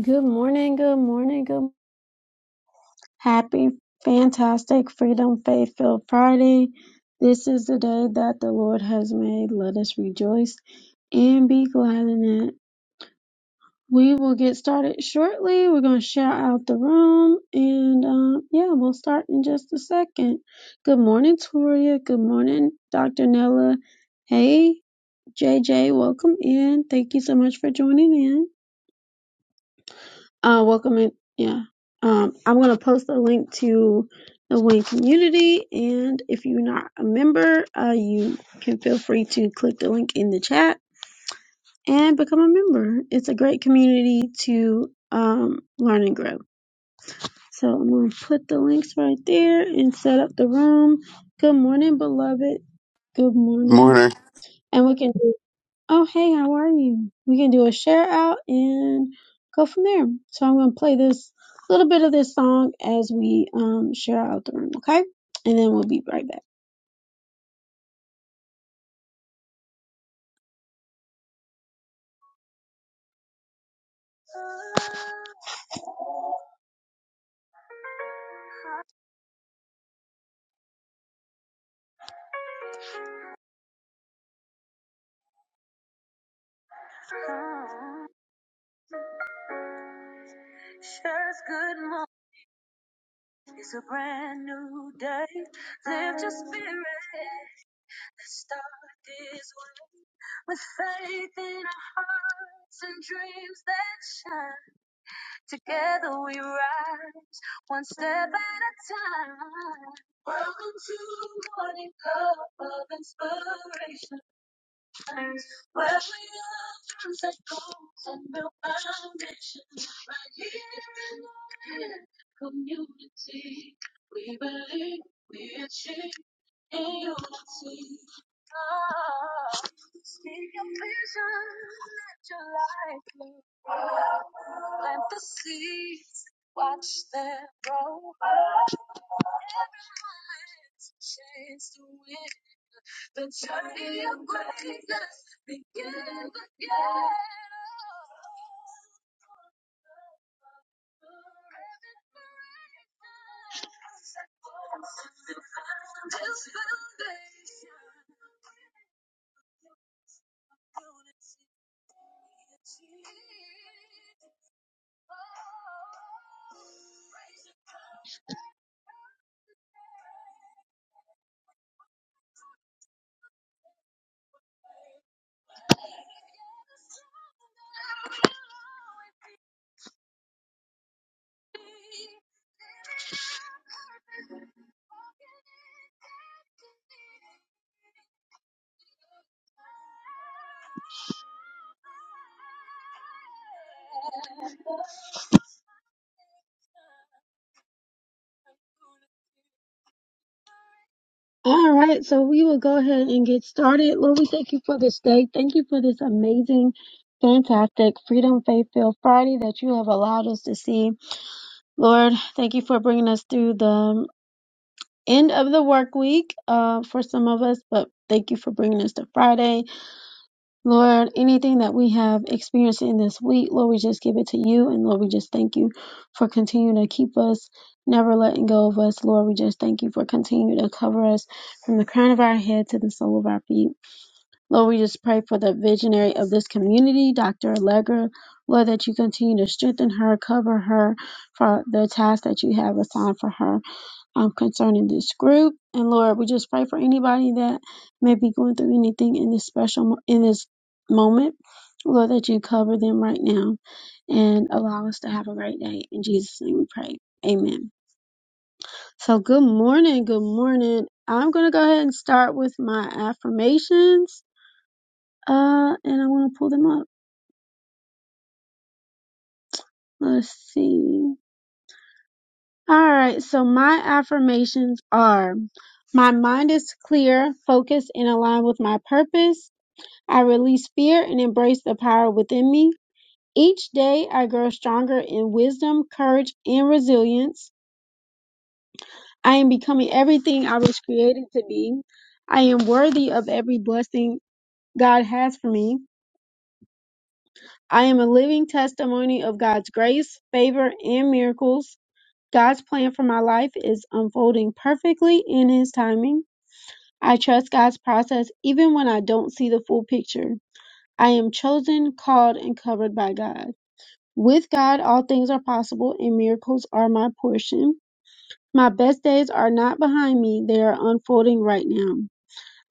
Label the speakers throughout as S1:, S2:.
S1: Good morning, good morning, good happy, fantastic, freedom, faith filled Friday. This is the day that the Lord has made. Let us rejoice and be glad in it. We will get started shortly. We're going to shout out the room and um, yeah, we'll start in just a second. Good morning, Toria. Good morning, Dr. Nella. Hey, JJ, welcome in. Thank you so much for joining in. uh welcome in yeah um i'm gonna post a link to the wayne community and if you're not a member uh you can feel free to click the link in the chat and become a member it's a great community to um learn and grow so i'm gonna put the links right there and set up the room good morning beloved good morning
S2: Morning,
S1: and we can Oh, hey, how are you? We can do a share out and go from there. So I'm going to play this little bit of this song as we um share out the room, okay? And then we'll be right back. Sure is good morning. It's a brand new day. Lift your spirit. Stop is what together we were once. All right, so we will go ahead and get started. Lord, we thank you for this day. Thank you for this amazing, fantastic Freedom Faith Filled Friday that you have allowed us to see. Lord, thank you for bringing us through the um, end of the work week uh, for some of us, but thank you for bringing us to Friday. Lord, anything that we have experienced in this week, Lord, we just give it to you. And Lord, we just thank you for continuing to keep us, never letting go of us. Lord, we just thank you for continuing to cover us from the crown of our head to the sole of our feet. Lord, we just pray for the visionary of this community, Dr. Allegra. Lord, that you continue to strengthen her, cover her for the task that you have assigned for her um, concerning this group. And Lord, we just pray for anybody that may be going through anything in this special mo- in this moment. Lord, that you cover them right now and allow us to have a great day. In Jesus' name we pray. Amen. So good morning. Good morning. I'm going to go ahead and start with my affirmations. Uh, and I want to pull them up. Let's see. All right. So my affirmations are my mind is clear, focused, and aligned with my purpose. I release fear and embrace the power within me. Each day I grow stronger in wisdom, courage, and resilience. I am becoming everything I was created to be. I am worthy of every blessing God has for me. I am a living testimony of God's grace, favor, and miracles. God's plan for my life is unfolding perfectly in His timing. I trust God's process even when I don't see the full picture. I am chosen, called, and covered by God. With God, all things are possible and miracles are my portion. My best days are not behind me, they are unfolding right now.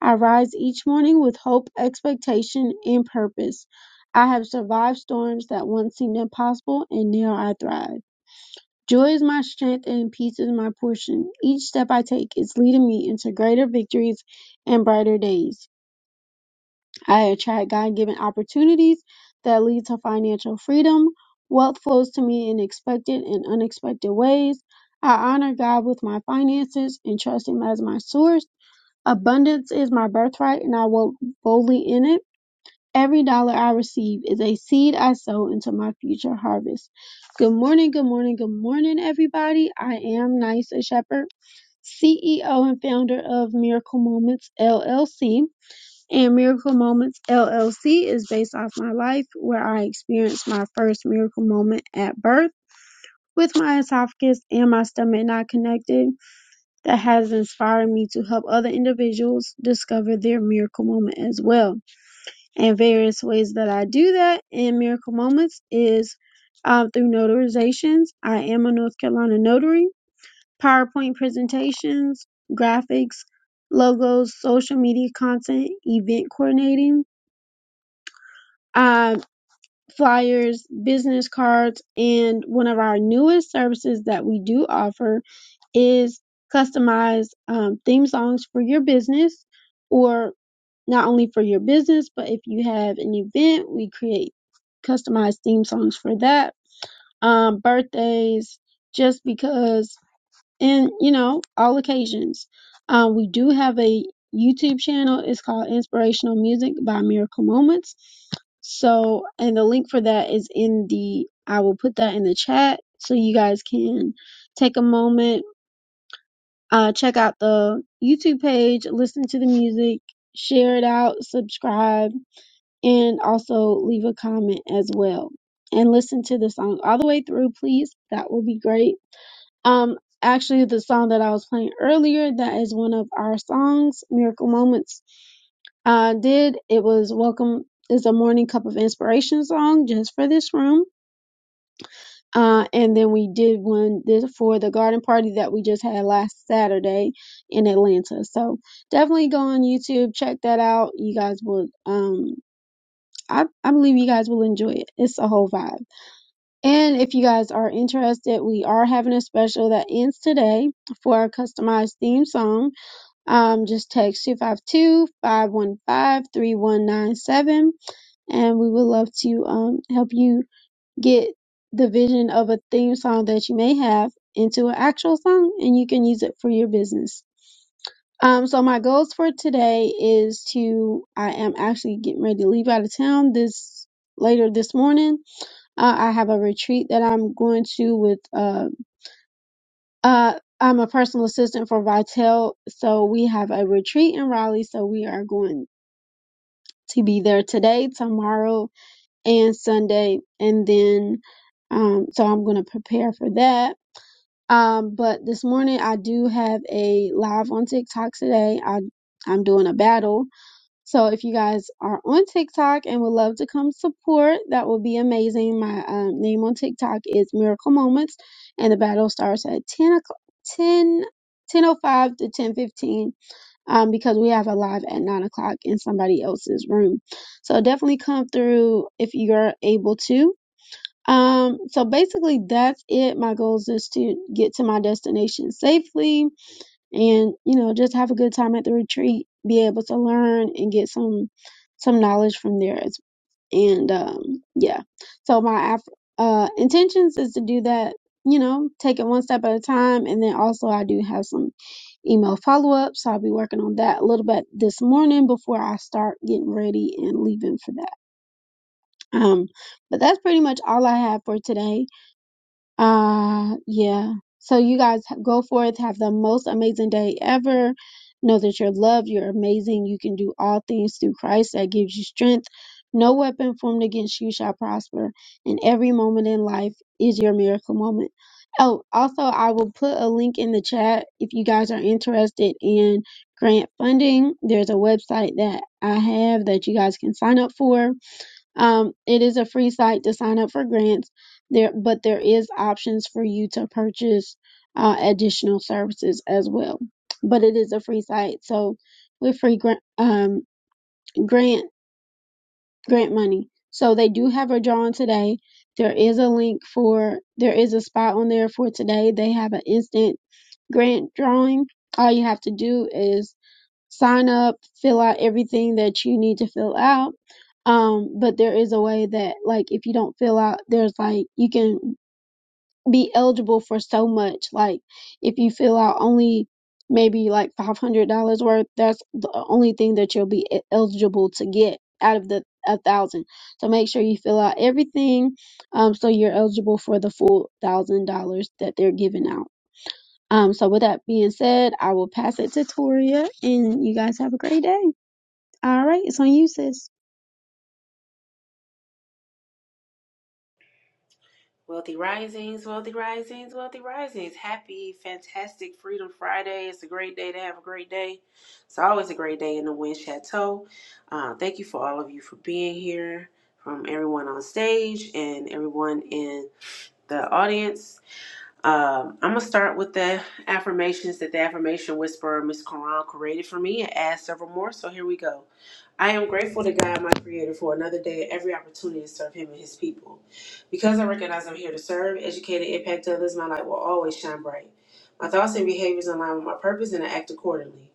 S1: I rise each morning with hope, expectation, and purpose. I have survived storms that once seemed impossible and now I thrive. Joy is my strength and peace is my portion. Each step I take is leading me into greater victories and brighter days. I attract God-given opportunities that lead to financial freedom. Wealth flows to me in expected and unexpected ways. I honor God with my finances and trust Him as my source. Abundance is my birthright and I walk boldly in it. Every dollar I receive is a seed I sow into my future harvest. Good morning, good morning, good morning, everybody. I am Nysa Shepherd, CEO and founder of Miracle Moments LLC. And Miracle Moments LLC is based off my life where I experienced my first miracle moment at birth with my esophagus and my stomach not connected that has inspired me to help other individuals discover their miracle moment as well. And various ways that I do that in miracle moments is uh, through notarizations. I am a North Carolina notary, PowerPoint presentations, graphics, logos, social media content, event coordinating, um, flyers, business cards, and one of our newest services that we do offer is customized um, theme songs for your business. or. not only for your business, but if you have an event, we create customized theme songs for that. Um, birthdays, just because, and you know, all occasions. Um, we do have a YouTube channel. It's called Inspirational Music by Miracle Moments. So, and the link for that is in the, I will put that in the chat so you guys can take a moment, uh, check out the YouTube page, listen to the music, share it out, subscribe and also leave a comment as well and listen to the song all the way through please that will be great um actually the song that i was playing earlier that is one of our songs miracle moments i did it was welcome is a morning cup of inspiration song just for this room uh, and then we did one this for the garden party that we just had last Saturday in Atlanta. So definitely go on YouTube, check that out. You guys will. um I, I believe you guys will enjoy it. It's a whole vibe. And if you guys are interested, we are having a special that ends today for a customized theme song. Um, just text 252 515 3197, and we would love to um, help you get the vision of a theme song that you may have into an actual song, and you can use it for your business. Um, so my goals for today is to I am actually getting ready to leave out of town this later this morning uh, I have a retreat that I'm going to with. Uh, uh, I'm a personal assistant for Vitel, so we have a retreat in Raleigh. So we are going to be there today, tomorrow, and Sunday, and then. Um, so I'm going to prepare for that. Um, but this morning I do have a live on TikTok today. I I'm doing a battle So if you guys are on TikTok and would love to come support, that would be amazing. My um, name on TikTok is Miracle Moments, and the battle starts at 10 o'clock, ten ten o five to 10.15 um, because we have a live at 9 o'clock in somebody else's room. So definitely come through if you're able to. Um, so basically that's it. My goals is to get to my destination safely and you know just have a good time at the retreat be able to learn and get some some knowledge from there as, and um yeah so my af- uh intentions is to do that you know take it one step at a time and then also i do have some email follow-up so i'll be working on that a little bit this morning before i start getting ready and leaving for that um but that's pretty much all i have for today uh, yeah. So you guys h- go forth, have the most amazing day ever. Know that you're loved, you're amazing, you can do all things through Christ that gives you strength. No weapon formed against you shall prosper, and every moment in life is your miracle moment. Oh, also, I will put a link in the chat if you guys are interested in grant funding. There's a website that I have that you guys can sign up for um, it is a free site to sign up for grants there, but there is options for you to purchase uh, additional services as well. But it is a free site, so with free grant, um, grant grant money. So they do have a drawing today. There is a link for there is a spot on there for today. They have an instant grant drawing. All you have to do is sign up, fill out everything that you need to fill out. Um, but there is a way that like if you don't fill out, there's like you can be eligible for so much. Like if you fill out only maybe like five hundred dollars worth, that's the only thing that you'll be e- eligible to get out of the a thousand. So make sure you fill out everything, um, so you're eligible for the full thousand dollars that they're giving out. Um, so with that being said, I will pass it to Toria and you guys have a great day. All right, it's on you, sis.
S3: Wealthy Risings, Wealthy Risings, Wealthy Risings. Happy, fantastic Freedom Friday. It's a great day to have a great day. It's always a great day in the Wind Chateau. Uh, thank you for all of you for being here, from everyone on stage and everyone in the audience. Um, I'm going to start with the affirmations that the affirmation whisperer, Miss Quran, created for me and add several more. So here we go. I am grateful to God, my Creator, for another day and every opportunity to serve Him and His people. Because I recognize I'm here to serve, educate, and impact others, my light will always shine bright. My thoughts and behaviors align with my purpose, and I act accordingly.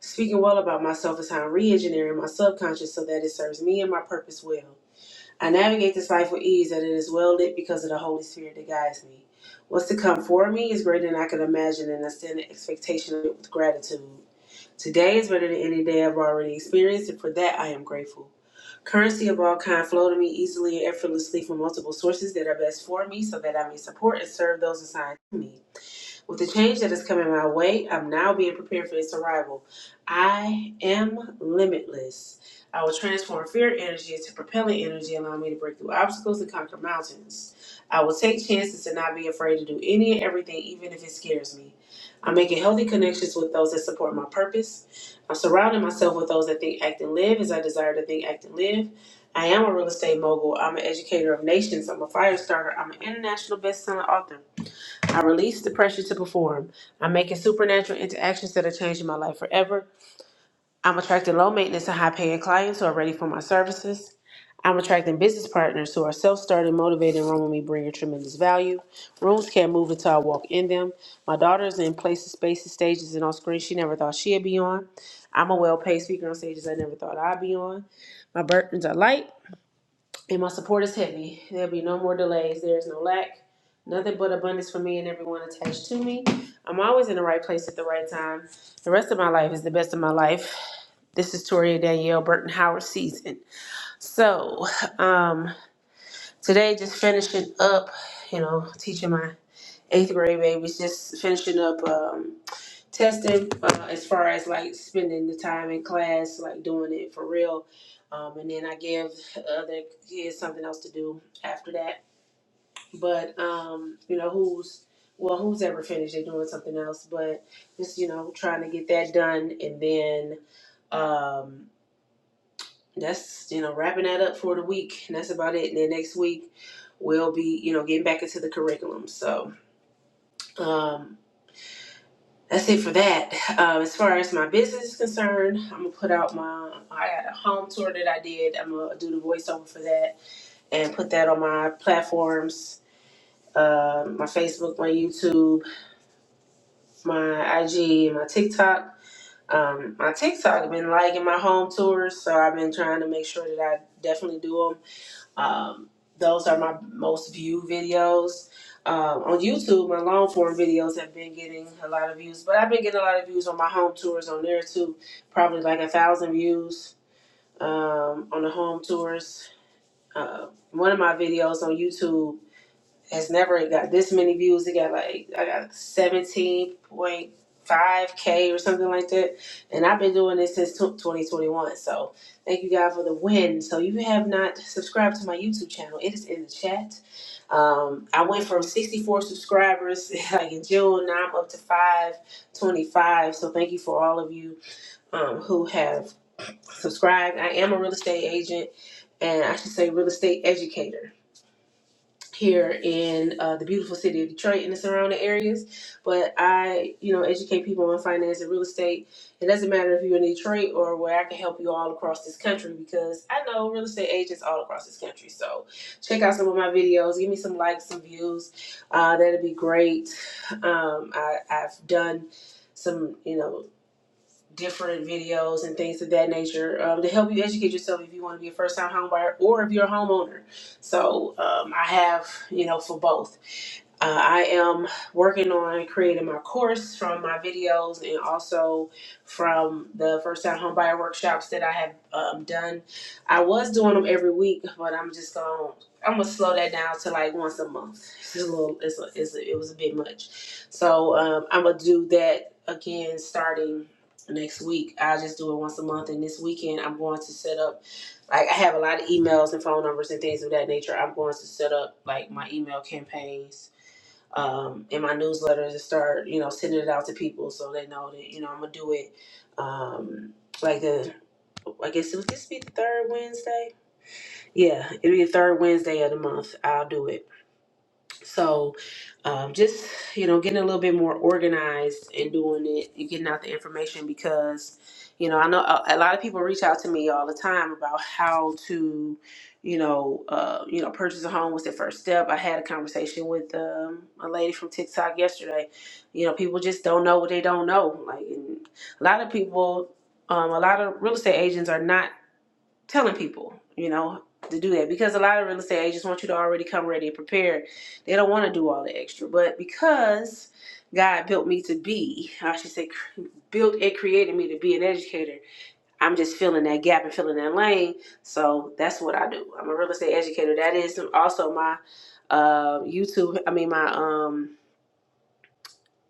S3: Speaking well about myself is how I'm re engineering my subconscious so that it serves me and my purpose well. I navigate this life with ease, and it is well lit because of the Holy Spirit that guides me. What's to come for me is greater than I could imagine, and I stand in expectation of it with gratitude. Today is better than any day I've already experienced, and for that I am grateful. Currency of all kind flow to me easily and effortlessly from multiple sources that are best for me so that I may support and serve those assigned to me. With the change that is coming my way, I'm now being prepared for its arrival. I am limitless. I will transform fear energy into propelling energy, allowing me to break through obstacles and conquer mountains. I will take chances and not be afraid to do any and everything, even if it scares me. I'm making healthy connections with those that support my purpose. I'm surrounding myself with those that think, act, and live as I desire to think, act, and live. I am a real estate mogul. I'm an educator of nations. I'm a fire starter. I'm an international best-selling author. I release the pressure to perform. I'm making supernatural interactions that are changing my life forever. I'm attracting low maintenance and high paying clients who are ready for my services. I'm attracting business partners who are self started, motivated, and run with me, bringing tremendous value. Rooms can't move until I walk in them. My daughter is in places, spaces, stages, and on screens she never thought she'd be on. I'm a well paid speaker on stages I never thought I'd be on. My burdens are light and my support is heavy. There'll be no more delays. There is no lack, nothing but abundance for me and everyone attached to me. I'm always in the right place at the right time. The rest of my life is the best of my life. This is Toria Danielle Burton Howard season. So um, today, just finishing up, you know, teaching my eighth grade babies just finishing up um, testing uh, as far as like spending the time in class like doing it for real um, and then i give other kids something else to do after that but um, you know who's well who's ever finished they're doing something else but just you know trying to get that done and then um, that's you know wrapping that up for the week and that's about it and then next week we'll be you know getting back into the curriculum so um, That's it for that. Uh, as far as my business is concerned, I'm gonna put out my. I had a home tour that I did. I'm gonna do the voiceover for that and put that on my platforms, uh, my Facebook, my YouTube, my IG, my TikTok. Um, my TikTok, I've been liking my home tours, so I've been trying to make sure that I definitely do them. Um, those are my most viewed videos. Um, on YouTube, my long form videos have been getting a lot of views, but I've been getting a lot of views on my home tours on there too. Probably like a thousand views um, on the home tours. Uh, one of my videos on YouTube has never got this many views. It got like I got seventeen point five k or something like that, and I've been doing this since twenty twenty one. So thank you God for the win. So if you have not subscribed to my YouTube channel, it is in the chat. Um, I went from sixty four subscribers like in June. Now I'm up to five twenty five. So thank you for all of you um, who have subscribed. I am a real estate agent, and I should say real estate educator here in uh, the beautiful city of Detroit and the surrounding areas. But I, you know, educate people on finance and real estate. It doesn't matter if you're in Detroit or where I can help you all across this country because I know real estate agents all across this country. So check out some of my videos. Give me some likes, some views. Uh, that'd be great. Um, I, I've done some, you know different videos and things of that nature um, to help you educate yourself if you want to be a first time homebuyer or if you're a homeowner. So um, I have, you know, for both. Uh, I am working on creating my course from my videos and also from the first time home buyer workshops that I have um, done. I was doing them every week, but I'm just going. to I'm gonna slow that down to like once a month. It's a little. It's a, it's a, it was a bit much, so um, I'm gonna do that again starting next week. I'll just do it once a month, and this weekend I'm going to set up like I have a lot of emails and phone numbers and things of that nature. I'm going to set up like my email campaigns um, in my newsletters and start, you know, sending it out to people so they know that, you know, I'm gonna do it. Um, like the, I guess it would this be the third Wednesday. Yeah, it'll be the third Wednesday of the month. I'll do it so, um, just you know, getting a little bit more organized and doing it, and getting out the information because, you know, I know a, a lot of people reach out to me all the time about how to, you know, uh, you know, purchase a home. What's the first step? I had a conversation with um, a lady from TikTok yesterday. You know, people just don't know what they don't know. Like and a lot of people. Um, a lot of real estate agents are not telling people, you know, to do that because a lot of real estate agents want you to already come ready and prepared. They don't want to do all the extra. But because God built me to be, I should say, built and created me to be an educator, I'm just filling that gap and filling that lane. So that's what I do. I'm a real estate educator. That is also my uh, YouTube, I mean, my. um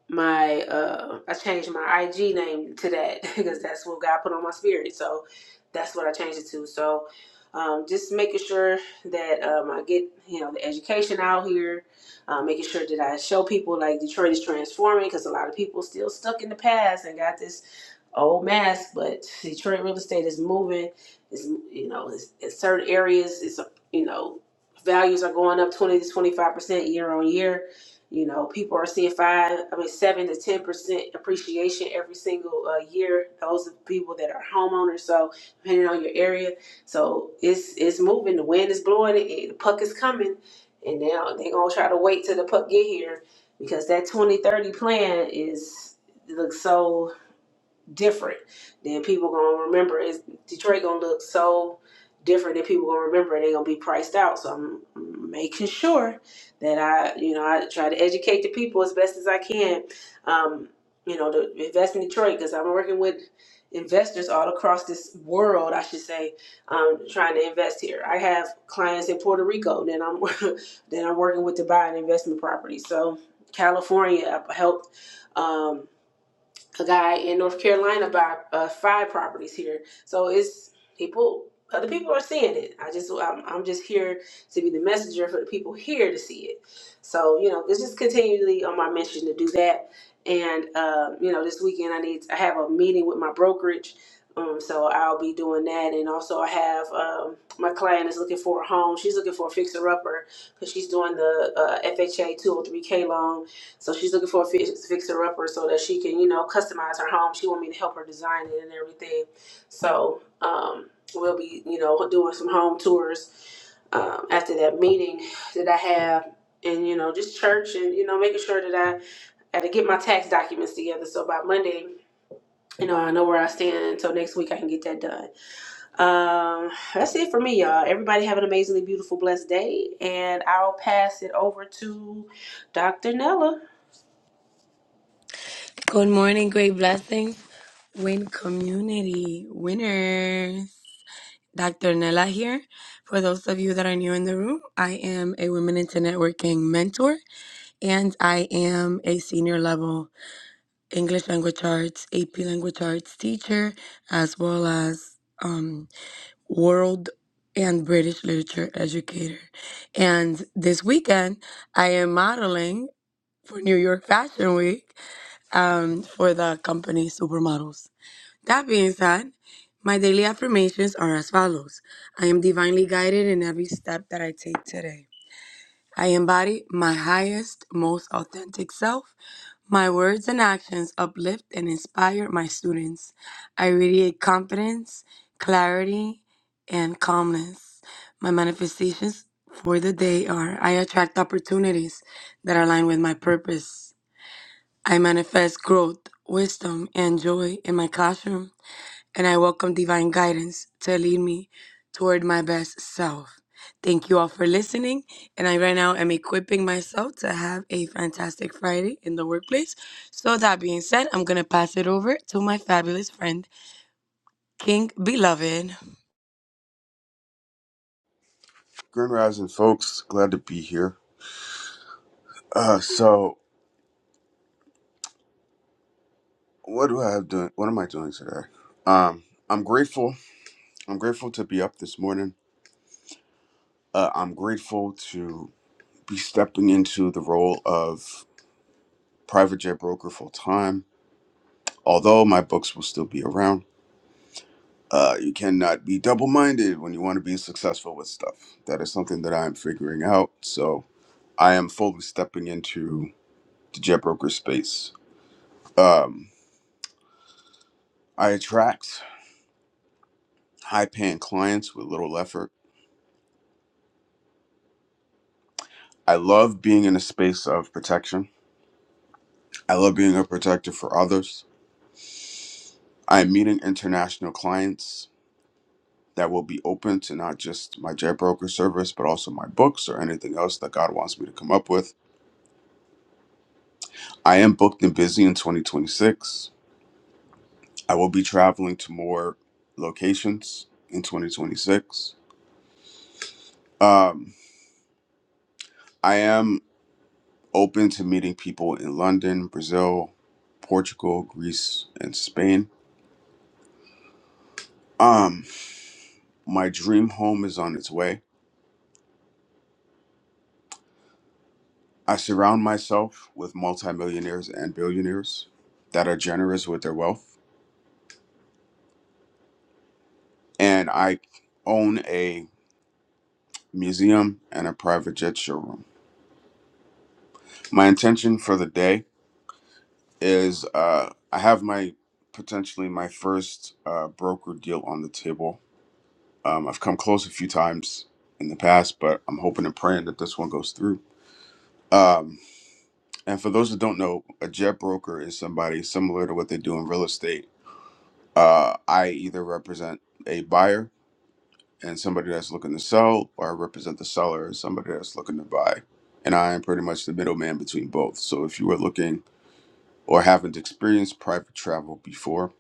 S3: my uh I changed my IG name to that because that's what God put on my spirit. So that's what I changed it to. So um, just making sure that um, I get you know the education out here, uh, making sure that I show people like Detroit is transforming because a lot of people still stuck in the past and got this old mask, but Detroit real estate is moving. It's you know, it's, in certain areas, it's you know, values are going up twenty to twenty five percent year on year. You know, people are seeing five, I mean, seven to ten percent appreciation every single uh, year. Those are people that are homeowners. So depending on your area, so it's it's moving. The wind is blowing. It, it- the puck is coming, and now they're gonna try to wait till the puck get here because that 2030 plan is looks so different. Then people gonna remember is Detroit gonna look so different that people gonna remember and they gonna be priced out. So I'm making sure that I, you know, I try to educate the people as best as I can. Um, you know, to invest in Detroit because I'm working with investors all across this world, I should say, um, trying to invest here. I have clients in Puerto Rico then I'm then I'm working with to buy an investment property. So California, I helped. Um, a guy in North Carolina buy uh, five properties here. So it's people, other people are seeing it. I just, I'm, I'm just here to be the messenger for the people here to see it. So you know, it's just continually on my mission to do that. And um, you know, this weekend I need, I have a meeting with my brokerage. Um, so I'll be doing that, and also I have um, my client is looking for a home. She's looking for a fixer upper because she's doing the uh, FHA 203k loan so she's looking for a fix, fixer upper so that she can, you know, customize her home. She want me to help her design it and everything. So um, we'll be, you know, doing some home tours um, after that meeting that I have, and you know, just church and you know, making sure that I had to get my tax documents together. So by Monday, you know, I know where I stand. Until next week, I can get that done. Um, that's it for me, y'all. Everybody have an amazingly beautiful, blessed day, and I'll pass it over to Dr. Nella.
S4: Good morning, great blessings, win community winners. Dr. Nella here. For those of you that are new in the room, I am a Women into Networking mentor and I am a senior level English language arts, AP language arts teacher, as well as um, world and British literature educator. And this weekend, I am modeling for New York Fashion Week um, for the company Supermodels. That being said, my daily affirmations are as follows I am divinely guided in every step that I take today. I embody my highest, most authentic self. My words and actions uplift and inspire my students. I radiate confidence, clarity, and calmness. My manifestations for the day are I attract opportunities that align with my purpose. I manifest growth, wisdom, and joy in my classroom and I welcome divine guidance to lead me toward my best self. Thank you all for listening, and I right now am equipping myself to have a fantastic Friday in the workplace. So that being said, I'm gonna pass it over to my fabulous friend, King Beloved.
S2: Grand Rising, folks. Glad to be here. Uh, so what do I have doing? What am I doing today? Um, I'm grateful. I'm grateful to be up this morning. Uh, I'm grateful to be stepping into the role of private jet broker full time. Although my books will still be around, uh, you cannot be double minded when you want to be successful with stuff. That is something that I am figuring out. So I am fully stepping into the jet broker space. Um, I attract. high paying clients with little effort. I love being in a space of protection. I love being a protector for others. I am meeting international clients that will be open to not just my jet service, but also my books or anything else that God wants me to come up with. I am booked and busy in 2026. I will be traveling to more locations in 2026. Um, I am open to meeting people in London, Brazil, Portugal, Greece, and Spain. Um, My dream home is on its way. I surround myself with multimillionaires and billionaires that are generous with their wealth. And I own a museum and a private jet showroom. My intention for the day is uh, I have my potentially my first uh, broker deal on the table. Um, I've come close a few times in the past, but I'm hoping and praying that this one goes through. Um, and for those that don't know, a jet broker is somebody similar to what they do in real estate uh, I either represent a buyer and somebody that's looking to sell, or I represent the seller and somebody that's looking to buy. And I am pretty much the middleman between both. So if you are looking or haven't experienced private travel before,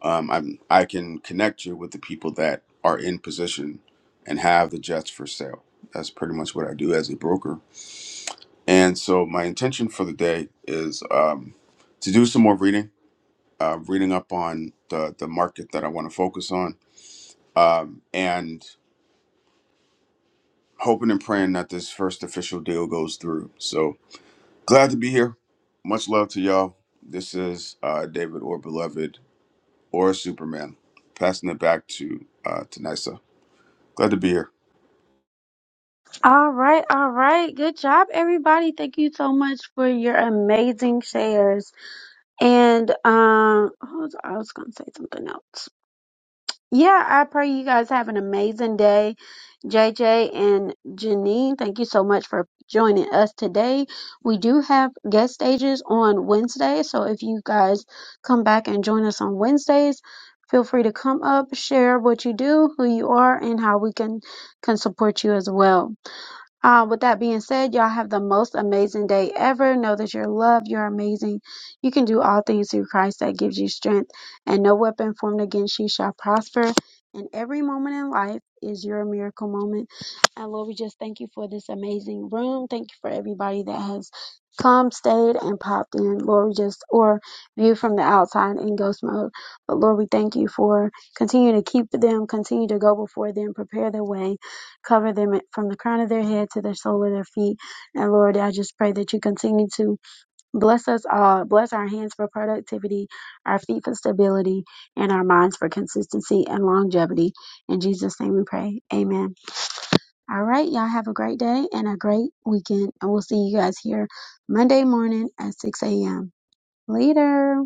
S2: um, I'm, I can connect you with the people that are in position and have the jets for sale. That's pretty much what I do as a broker. And so my intention for the day is um, to do some more reading, uh, reading up on the, the market that I want to focus on um, and hoping and praying that this first official deal goes through. So glad to be here. Much love to y'all. This is uh, David or Beloved or Superman. Passing it back to uh, to Nysa. Glad to be here.
S1: All right, all right. Good job, everybody. Thank you so much for your amazing shares. And um, hold on, I was gonna say something else. Yeah, I pray you guys have an amazing day. JJ and Janine, thank you so much for joining us today. We do have guest stages on Wednesday, so if you guys come back and join us on Wednesdays, feel free to come up, share what you do, who you are, and how we can can support you as well. Uh, with that being said, y'all have the most amazing day ever. Know that you're loved, you're amazing. You can do all things through Christ that gives you strength, and no weapon formed against you shall prosper. And every moment in life is your miracle moment. And Lord, we just thank you for this amazing room. Thank you for everybody that has come, stayed, and popped in. Lord, we just, or viewed from the outside in ghost mode. But Lord, we thank you for continue to keep them, continue to go before them, prepare their way cover them from the crown of their head to the sole of their feet. And Lord, I just pray that you continue to bless us all, bless our hands for productivity, our feet for stability, and our minds for consistency and longevity. In Jesus' name we pray. Amen. All right, y'all have a great day and a great weekend. And we'll see you guys here Monday morning at 6 a.m. Later.